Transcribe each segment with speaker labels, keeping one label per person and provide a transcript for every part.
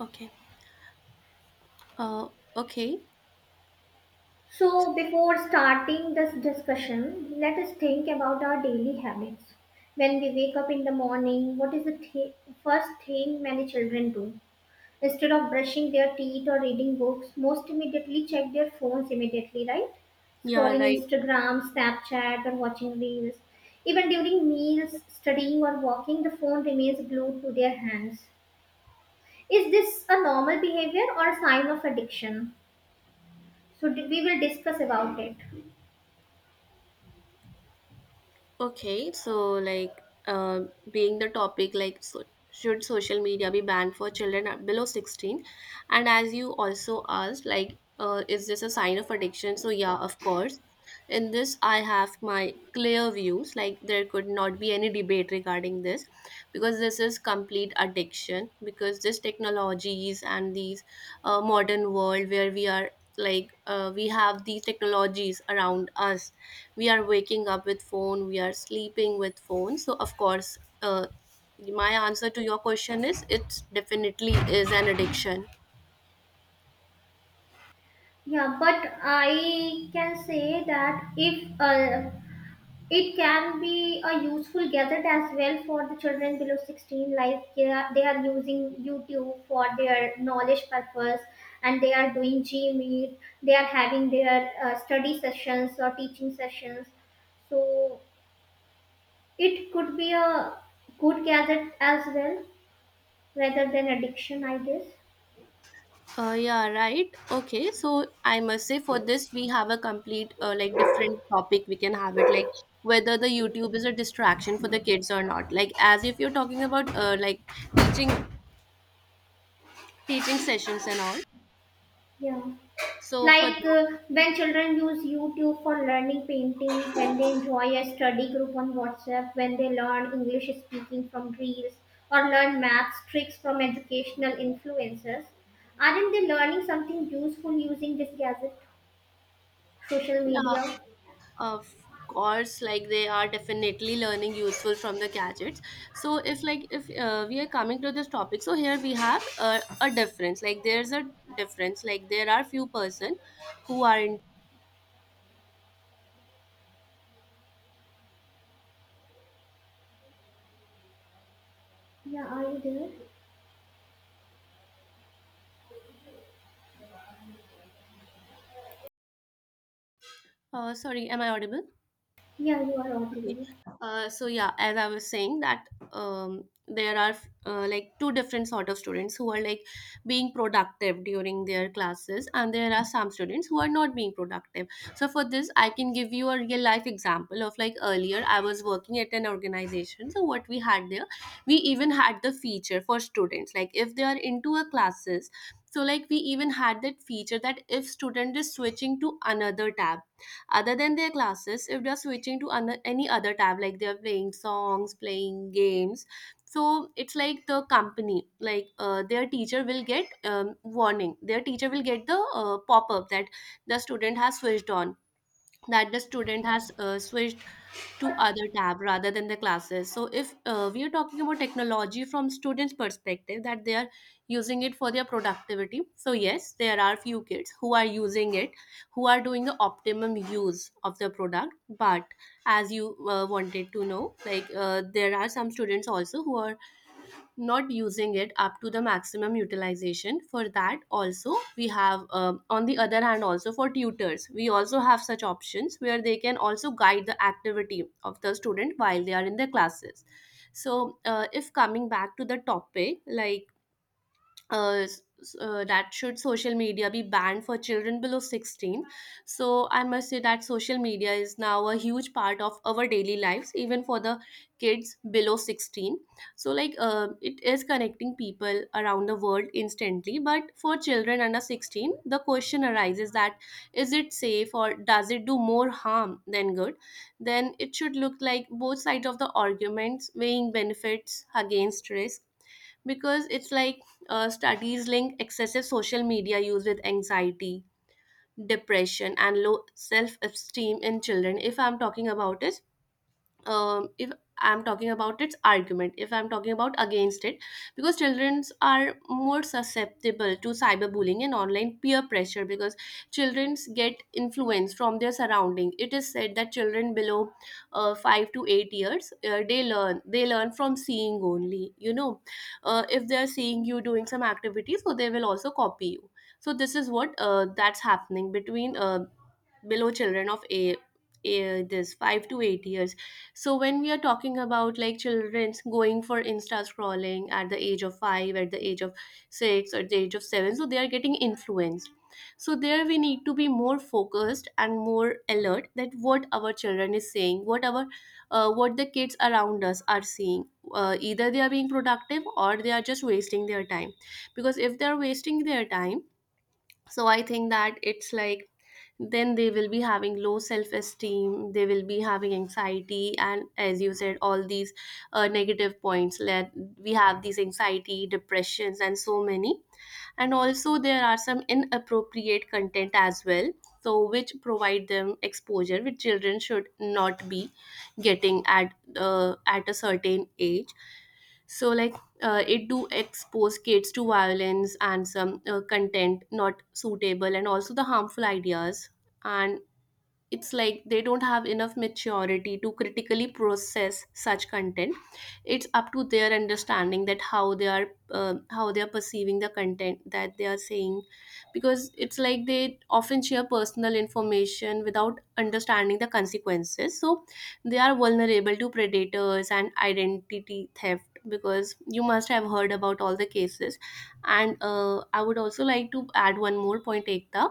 Speaker 1: Okay. Uh, okay.
Speaker 2: So, before starting this discussion, let us think about our daily habits. When we wake up in the morning, what is the first thing many children do? Instead of brushing their teeth or reading books, most immediately check their phones immediately, right?
Speaker 1: Yeah,
Speaker 2: Scrolling
Speaker 1: right.
Speaker 2: Instagram, Snapchat, or watching reels. Even during meals, studying, or walking, the phone remains glued to their hands. Is this a normal behavior or a sign of addiction? So, we will discuss about it.
Speaker 1: Okay. So, uh, being the topic, like, so should social media be banned for children below 16? And as you also asked, like, is this a sign of addiction? So, yeah, of course. In this I have my clear views, like there could not be any debate regarding this, because this is complete addiction, because this technologies and these modern world where we are, we have these technologies around us. We are waking up with phone, we are sleeping with phone, so of course, my answer to your question is it definitely is an addiction.
Speaker 2: Yeah, but I can say that if it can be a useful gadget as well for the children below 16, like they are using YouTube for their knowledge purpose and they are doing G Meet. They are having their study sessions or teaching sessions. So it could be a good gadget as well rather than addiction, I guess.
Speaker 1: Yeah, right. Okay, so I must say for this we have a complete like different topic. We can have it like whether the YouTube is a distraction for the kids or not. Like as if you're talking about like teaching teaching sessions and all.
Speaker 2: Yeah.
Speaker 1: So for
Speaker 2: Like
Speaker 1: that,
Speaker 2: when children use YouTube for learning painting, when they enjoy a study group on WhatsApp, when they learn English speaking from reels or learn maths tricks from educational influencers, aren't they learning something useful using this gadget, social
Speaker 1: yeah,
Speaker 2: media?
Speaker 1: of course, like they are definitely learning useful from the gadgets. So if we are coming to this topic, so here we have a difference. Like there's a difference. Like there are few person who are in.
Speaker 2: Yeah, are you there?
Speaker 1: Sorry, am I audible?
Speaker 2: Yeah, you are
Speaker 1: Okay.
Speaker 2: audible.
Speaker 1: So yeah, as I was saying that there are like two different sort of students who are like being productive during their classes, and there are some students who are not being productive. So for this, I can give you a real life example of like earlier I was working at an organization. So what we had there, we even had the feature for students like if they are into a classes. So like we even had that feature that if student is switching to another tab other than their classes, if they're switching to any other tab, like they're playing songs, playing games, so it's like the company, like their teacher will get warning, their teacher will get the pop-up that the student has switched on, that the student has switched to other tab rather than the classes. So if we are talking about technology from students perspective, that they are using it for their productivity, so yes, there are few kids who are using it, who are doing the optimum use of the product. But as you wanted to know, like there are some students also who are not using it up to the maximum utilization. For that also we have on the other hand also for tutors we also have such options where they can also guide the activity of the student while they are in their classes. So if coming back to the topic, uh, s- that should social media be banned for children below 16? So I must say that social media is now a huge part of our daily lives, even for the kids below 16. So it is connecting people around the world instantly, but for children under 16, the question arises that is it safe or does it do more harm than good? Then it should look like both sides of the arguments, weighing benefits against risk. Because it's like studies link excessive social media use with anxiety, depression and low self-esteem in children, if I'm talking about it. If I'm talking about its argument, if I'm talking about against it, because children are more susceptible to cyberbullying and online peer pressure, because children get influence from their surrounding. It is said that children below 5 to 8 years, they learn, they learn from seeing only, you know, if they're seeing you doing some activity, so they will also copy you. So this is what, that's happening between below children of a this 5 to 8 years. So when we are talking about like children's going for insta scrolling at the age of 5, at the age of 6, or the age of 7, so they are getting influenced. So there we need to be more focused and more alert, that what our children is saying, what our what the kids around us are seeing, either they are being productive or they are just wasting their time. Because if they are wasting their time, so I think that it's like then they will be having low self esteem, they will be having anxiety, and as you said, all these negative points, let we have these anxiety, depressions and so many. And also there are some inappropriate content as well, so which provide them exposure, which children should not be getting at a certain age. So like it do expose kids to violence and some content not suitable, and also the harmful ideas. And it's like they don't have enough maturity to critically process such content. It's up to their understanding that how they are perceiving the content that they are saying. Because it's like they often share personal information without understanding the consequences, so they are vulnerable to predators and identity theft, because you must have heard about all the cases. And I would also like to add one more point, ekta,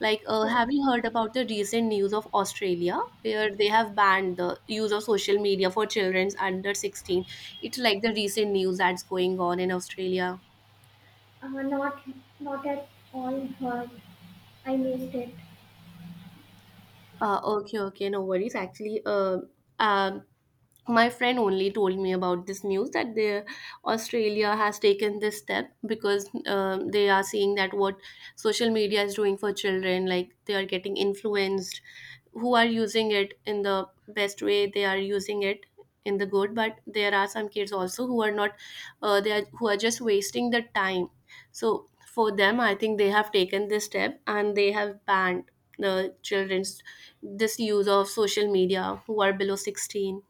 Speaker 1: like,
Speaker 2: Uh,
Speaker 1: have you heard about the recent news of Australia where they have banned the use of social media for children under 16? It's like the recent news that's going on in Australia.
Speaker 2: uh, not, not at all heard. I missed it.
Speaker 1: Okay, okay, no worries. Actually, um, my friend only told me about this news that the Australia has taken this step because they are seeing that what social media is doing for children, like they are getting influenced. Who are using it in the best way, they are using it in the good, but there are some kids also who are not, they are, who are just wasting the time. So for them I think they have taken this step and they have banned the children's this use of social media who are below 16.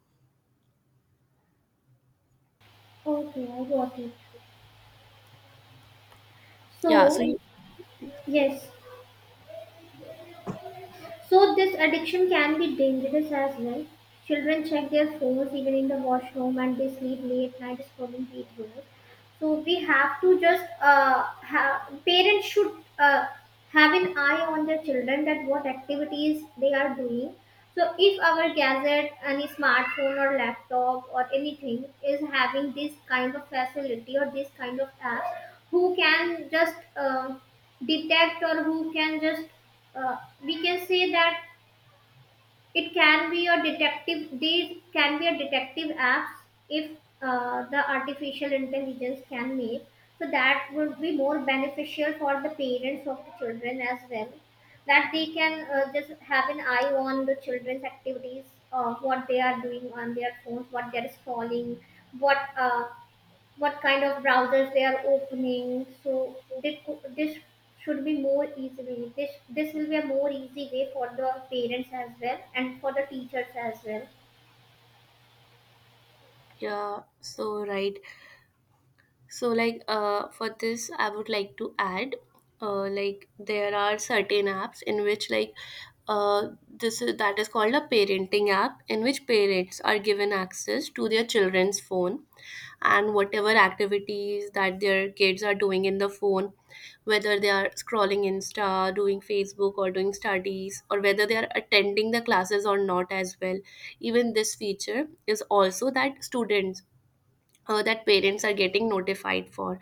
Speaker 2: Okay, I got it.
Speaker 1: Yeah,
Speaker 2: So, yes, so this addiction can be dangerous as well. Children check their phones even in the washroom and they sleep late night scrolling videos. So we have to just have parents should uh, have an eye on their children that what activities they are doing. So if our gadget, any smartphone or laptop or anything is having this kind of facility or this kind of apps, who can just detect or who can just uh, we can say that it can be a detective. These can be a detective apps if the artificial intelligence can make. So that would be more beneficial for the parents of the children as well. That they can just have an eye on the children's activities, what they are doing on their phones, what they are scrolling, what uh, what kind of browsers they are opening. So this should be more easily. This will be a more easy way for the parents as well and for the teachers as well.
Speaker 1: yeah, so right. So like for this I would like to add like there are certain apps in which like uh this is that is called a parenting app in which parents are given access to their children's phone, and whatever activities that their kids are doing in the phone, whether they are scrolling Insta, doing Facebook or doing studies or whether they are attending the classes or not as well. Even this feature is also that students, that parents are getting notified for,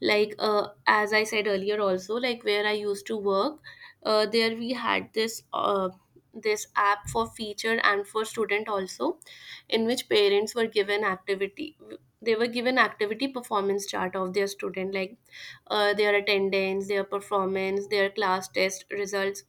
Speaker 1: like as I said earlier also, like where I used to work, there we had this app for feature and for student also, in which parents were given activity, they were given activity performance chart of their student, like their attendance, their performance, their class test results,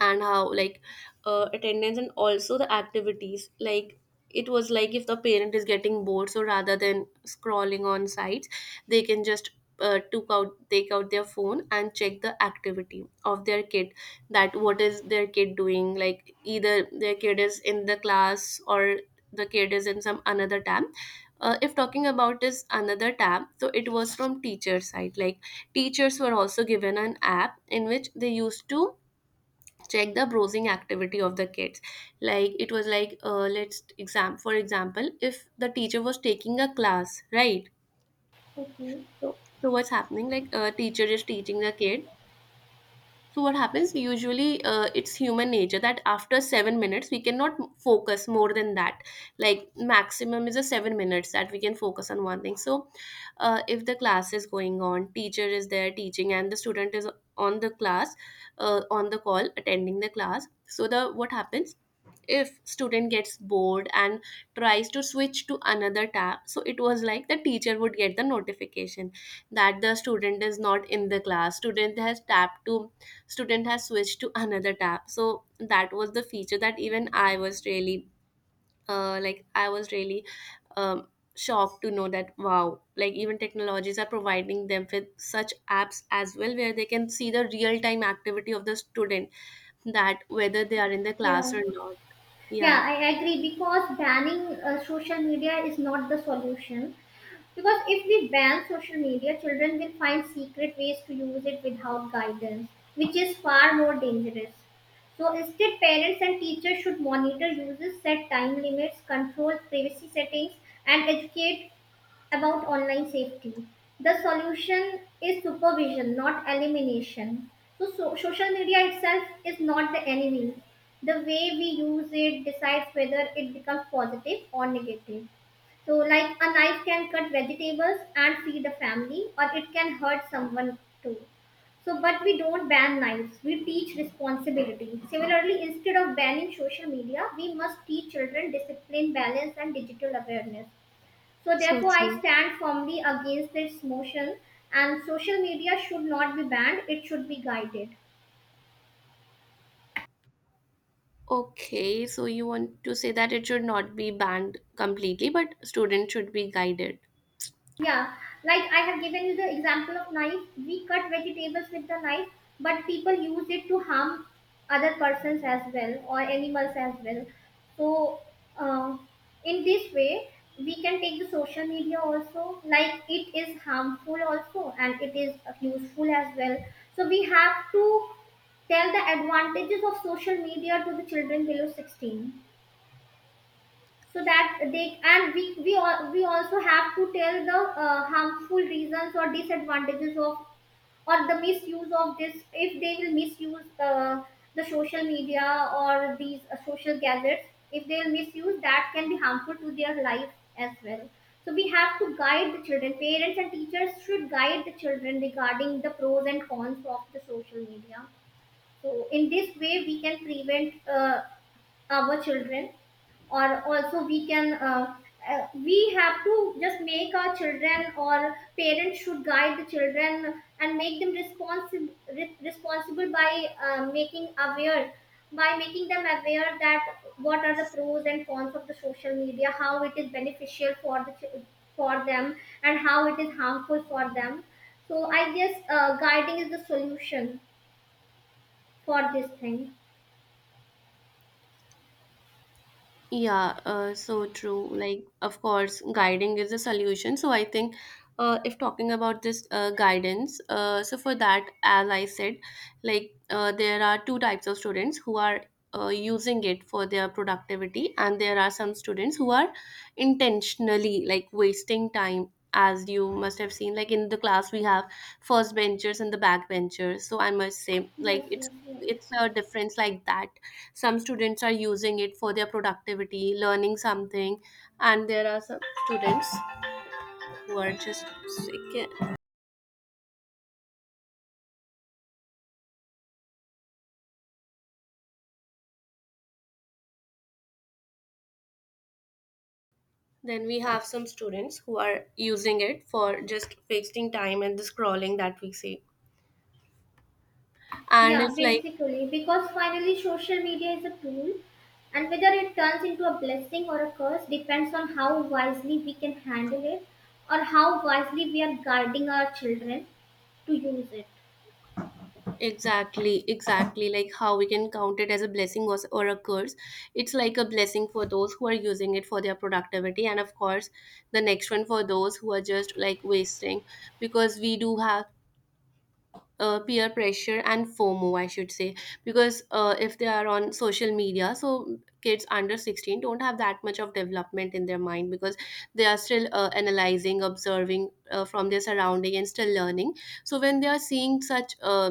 Speaker 1: and how, like, attendance and also the activities. Like it was like if the parent is getting bored, so rather than scrolling on sites, they can just took out take out their phone and check the activity of their kid, that what is their kid doing, like either their kid is in the class or the kid is in some another tab. If talking about this another tab, so it was from teacher side, like teachers were also given an app in which they used to check the browsing activity of the kids. Like it was like, let's exam for example, if the teacher was taking a class, right,
Speaker 2: Okay.
Speaker 1: so, so what's happening, like a teacher is teaching the kid, so what happens usually, it's human nature that after 7 minutes we cannot focus more than that. Like maximum is a 7 minutes that we can focus on one thing. So if the class is going on, teacher is there teaching, and the student is on the class, on the call attending the class, so the what happens, if student gets bored and tries to switch to another tab, so it was like the teacher would get the notification that the student is not in the class, student has switched to another tab. So that was the feature that even I was really uh, like i was really um, shocked to know that wow, like even technologies are providing them with such apps as well, where they can see the real time activity of the student, that whether they are in the class
Speaker 2: Yeah.
Speaker 1: or not.
Speaker 2: Yeah,
Speaker 1: Yeah,
Speaker 2: I agree because banning social media is not the solution. Because if we ban social media, children will find secret ways to use it without guidance, which is far more dangerous. So instead, parents and teachers should monitor uses, set time limits, control privacy settings, and educate about online safety. The solution is supervision, not elimination. So social media itself is not the enemy. The way we use it decides whether it becomes positive or negative. So, like a knife can cut vegetables and feed a family, or it can hurt someone too. So, but we don't ban knives, we teach responsibility. Similarly, instead of banning social media, we must teach children discipline, balance, and digital awareness. So,
Speaker 1: so
Speaker 2: therefore, I
Speaker 1: true.
Speaker 2: stand firmly against this motion, and social media should not be banned, it should be guided.
Speaker 1: Okay, so you want to say that it should not be banned completely, but students should be guided.
Speaker 2: Yeah, like I have given you the example of knife. We cut vegetables with the knife, but people use it to harm other persons as well or animals as well. So, uh, in this way, we can take the social media also. Like it is harmful also, and it is useful as well. So we have to tell the advantages of social media to the children below 16 so that they and we also have to tell the harmful reasons or disadvantages of or the misuse of this if they will misuse the social media or these social gadgets. If they will misuse, that can be harmful to their life as well. So we have to guide the children. Parents and teachers should guide the children regarding the pros and cons of the social media. So in this way we can prevent our children, or also we can, we have to just make our children, or parents should guide the children and make them responsible by making aware, by making them aware that what are the pros and cons of the social media, how it is beneficial for the for them, and how it is harmful for them. So I guess guiding is the solution for this thing.
Speaker 1: Yeah, so true. Like, of course, guiding is a solution. So I think if talking about this guidance, so for that, as I said, like there are two types of students who are using it for their productivity, and there are some students who are intentionally like wasting time. As you must have seen, like in the class, we have first benchers and the back benchers. So I must say, like
Speaker 2: Yes,
Speaker 1: it's
Speaker 2: yes, yes.
Speaker 1: it's a difference like that. Some students are using it for their productivity, learning something, and there are some students who are just sick. Then we have some students who are using it for just wasting time and the scrolling that we see, and
Speaker 2: Yeah,
Speaker 1: it's like
Speaker 2: basically, because finally social media is a tool, and whether it turns into a blessing or a curse depends on how wisely we can handle it or how wisely we are guiding our children to use it.
Speaker 1: exactly, exactly, like how we can count it as a blessing or a curse. It's like a blessing for those who are using it for their productivity, and of course the next one for those who are just like wasting, because we do have peer pressure and FOMO, I should say, because if they are on social media, so kids under 16 don't have that much of development in their mind, because they are still analyzing, observing from their surrounding, and still learning. So when they are seeing such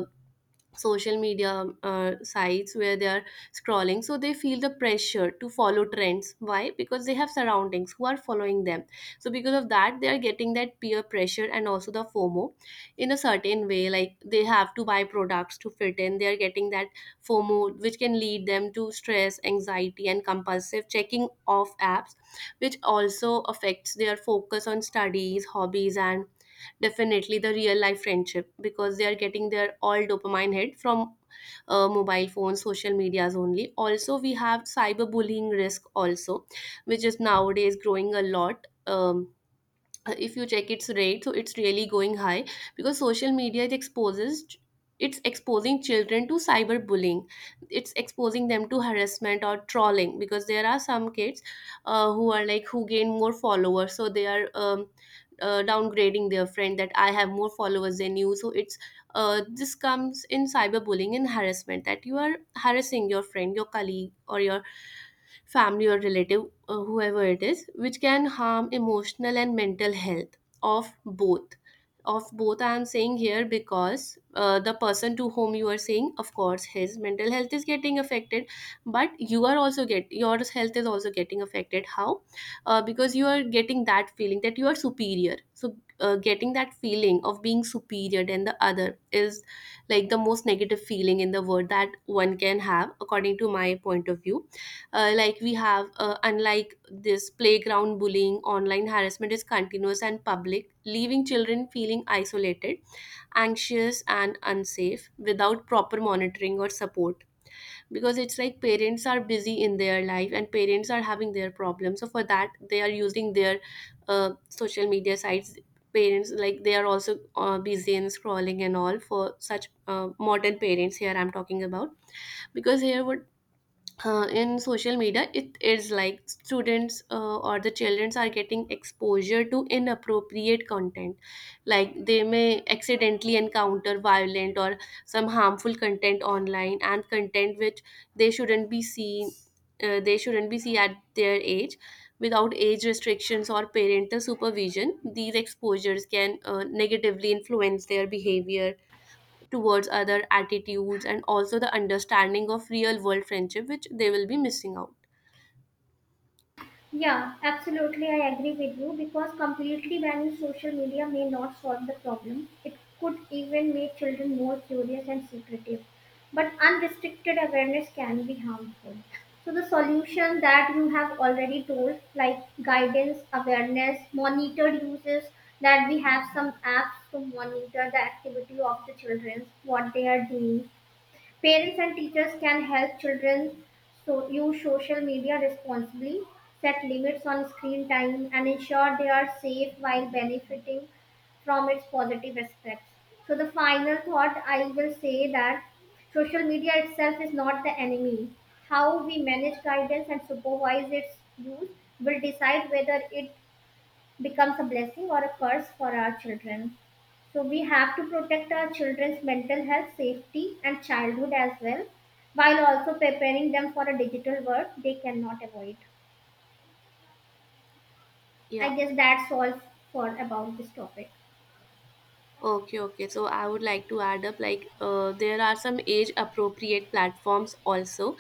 Speaker 1: social media sites where they are scrolling, so they feel the pressure to follow trends. Why? Because they have surroundings who are following them, so because of that they are getting that peer pressure and also the FOMO. In a certain way, like they have to buy products to fit in, they are getting that FOMO, which can lead them to stress, anxiety, and compulsive checking off apps, which also affects their focus on studies, hobbies, and definitely the real life friendship, because they are getting their all dopamine hit from mobile phones, social medias only. Also we have cyberbullying risk also, which is nowadays growing a lot. If you check its rate, so it's really going high, because social media, it exposes, it's exposing children to cyberbullying, it's exposing them to harassment or trolling. Because there are some kids who are like who gain more followers, so they are downgrading their friend that I have more followers than you. So it's this comes in cyberbullying and harassment, that you are harassing your friend, your colleague, or your family or relative, whoever it is, which can harm emotional and mental health of both. Of both, I am saying here, because the person to whom you are saying, of course, his mental health is getting affected, but you are also get your health is also getting affected. How? Because you are getting that feeling that you are superior. So, getting that feeling of being superior than the other is like the most negative feeling in the world that one can have, according to my point of view. Uh, like we have, unlike this playground bullying, online harassment is continuous and public, leaving children feeling isolated, anxious, and unsafe without proper monitoring or support. Because it's like parents are busy in their life and parents are having their problems, so for that they are using their social media sites. Parents, like they are also busy in scrolling and all. For such modern parents here I'm talking about, because here what, in social media it is like students, or the children are getting exposure to inappropriate content. Like they may accidentally encounter violent or some harmful content online, and content which they shouldn't be seen, they shouldn't be seen at their age. Without age restrictions or parental supervision, these exposures can negatively influence their behavior towards other attitudes, and also the understanding of real world friendship, which they will be missing out.
Speaker 2: Yeah, absolutely. I agree with you because completely banning social media may not solve the problem. It could even make children more curious and secretive. But unrestricted awareness can be harmful. So, the solution that you have already told, like guidance, awareness, monitored uses, that we have some apps to monitor the activity of the children, what they are doing, parents and teachers can help children so use social media responsibly, set limits on screen time, and ensure they are safe while benefiting from its positive aspects. So, the final thought I will say that social media itself is not the enemy. How we manage guidance and supervise its use will decide whether it becomes a blessing or a curse for our children. So we have to protect our children's mental health, safety, and childhood as well, while also preparing them for a digital world they cannot avoid.
Speaker 1: Yeah.
Speaker 2: I guess that's all for about this topic.
Speaker 1: Okay, okay, so I would like to add up, like there are some age appropriate platforms also,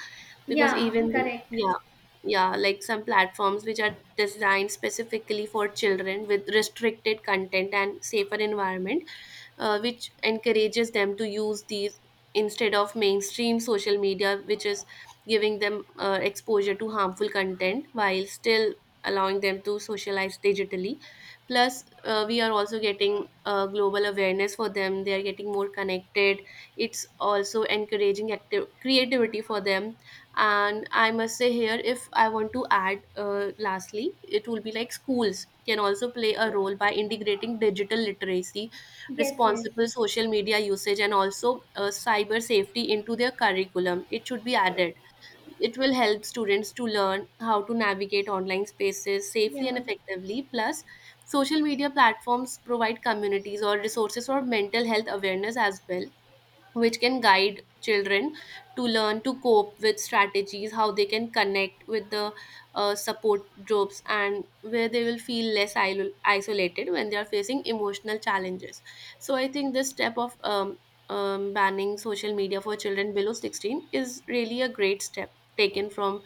Speaker 1: because
Speaker 2: Yeah,
Speaker 1: even,
Speaker 2: correct.
Speaker 1: yeah, yeah, like some platforms which are designed specifically for children with restricted content and safer environment, which encourages them to use these instead of mainstream social media, which is giving them exposure to harmful content while still allowing them to socialize digitally. Plus, we are also getting global awareness for them. They are getting more connected. It's also encouraging active creativity for them. And I must say here, if I want to add lastly, it will be like schools can also play a role by integrating digital literacy,
Speaker 2: Yes, yes.
Speaker 1: responsible social media usage, and also cyber safety into their curriculum. It should be added. It will help students to learn how to navigate online spaces safely
Speaker 2: Yeah,
Speaker 1: and effectively. Plus, social media platforms provide communities or resources for mental health awareness as well, which can guide children to learn to cope with strategies, how they can connect with the support groups, and where they will feel less isolated when they are facing emotional challenges. So, I think this step of banning social media for children below 16 is really a great step taken from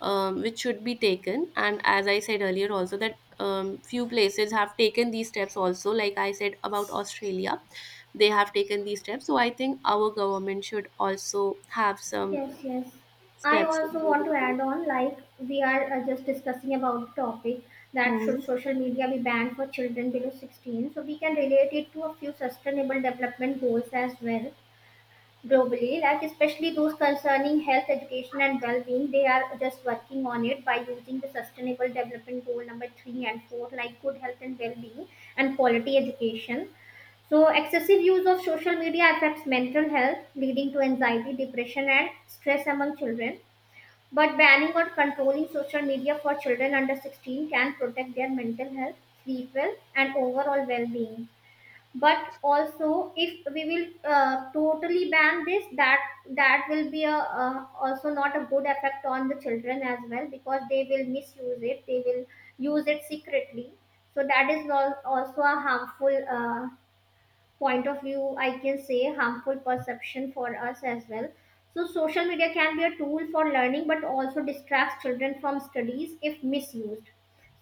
Speaker 1: which should be taken. And as I said earlier, also that few places have taken these steps also. Like I said about Australia, they have taken these steps. So I think our government should also have some
Speaker 2: yes, yes. I
Speaker 1: steps.
Speaker 2: also want to add on like we are just discussing about the topic that should
Speaker 1: Mhm.
Speaker 2: social media be banned for children below 16. So we can relate it to a few sustainable development goals as well, globally, like especially those concerning health, education, and well-being. They are just working on it by using the Sustainable Development Goal number 3 and 4, like good health and well-being and quality education. So, excessive use of social media affects mental health, leading to anxiety, depression, and stress among children. But banning or controlling social media for children under 16 can protect their mental health, sleep well, and overall well being. But also if we will totally ban this, that will be a, also not a good effect on the children as well, because they will misuse it, they will use it secretly. So that is also a harmful point of view, I can say harmful perception for us as well. So, social media can be a tool for learning but also distracts children from studies if misused.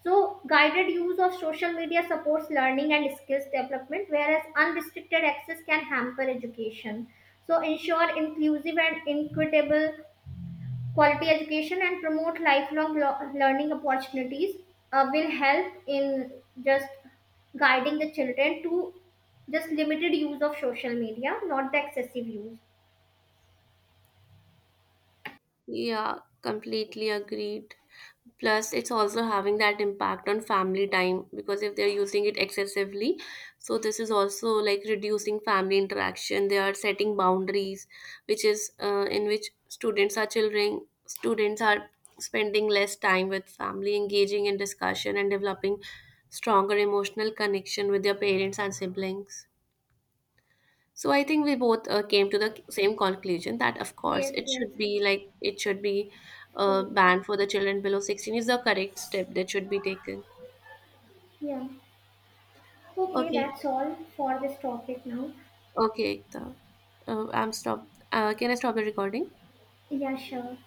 Speaker 2: So, guided use of social media supports learning and skills development, whereas unrestricted access can hamper education. So, ensure inclusive and equitable quality education, and promote lifelong learning opportunities will help in just guiding the children to just limited use of social media, not the excessive use.
Speaker 1: Yeah, completely agreed. Plus it's also having that impact on family time, because if they're using it excessively, so this is also like reducing family interaction. They are setting boundaries, which is in which students are, children, students are spending less time with family, engaging in discussion, and developing stronger emotional connection with their parents and siblings. So I think we both came to the same conclusion that of course
Speaker 2: Yes,
Speaker 1: it
Speaker 2: yes,
Speaker 1: should be, like it should be
Speaker 2: cool.
Speaker 1: banned for the children below 16 is the correct step that should be taken.
Speaker 2: Yeah. Okay,
Speaker 1: Okay,
Speaker 2: that's all for this topic now.
Speaker 1: okay, Ekta. I'm stopped. Can I stop the recording?
Speaker 2: Yeah, sure.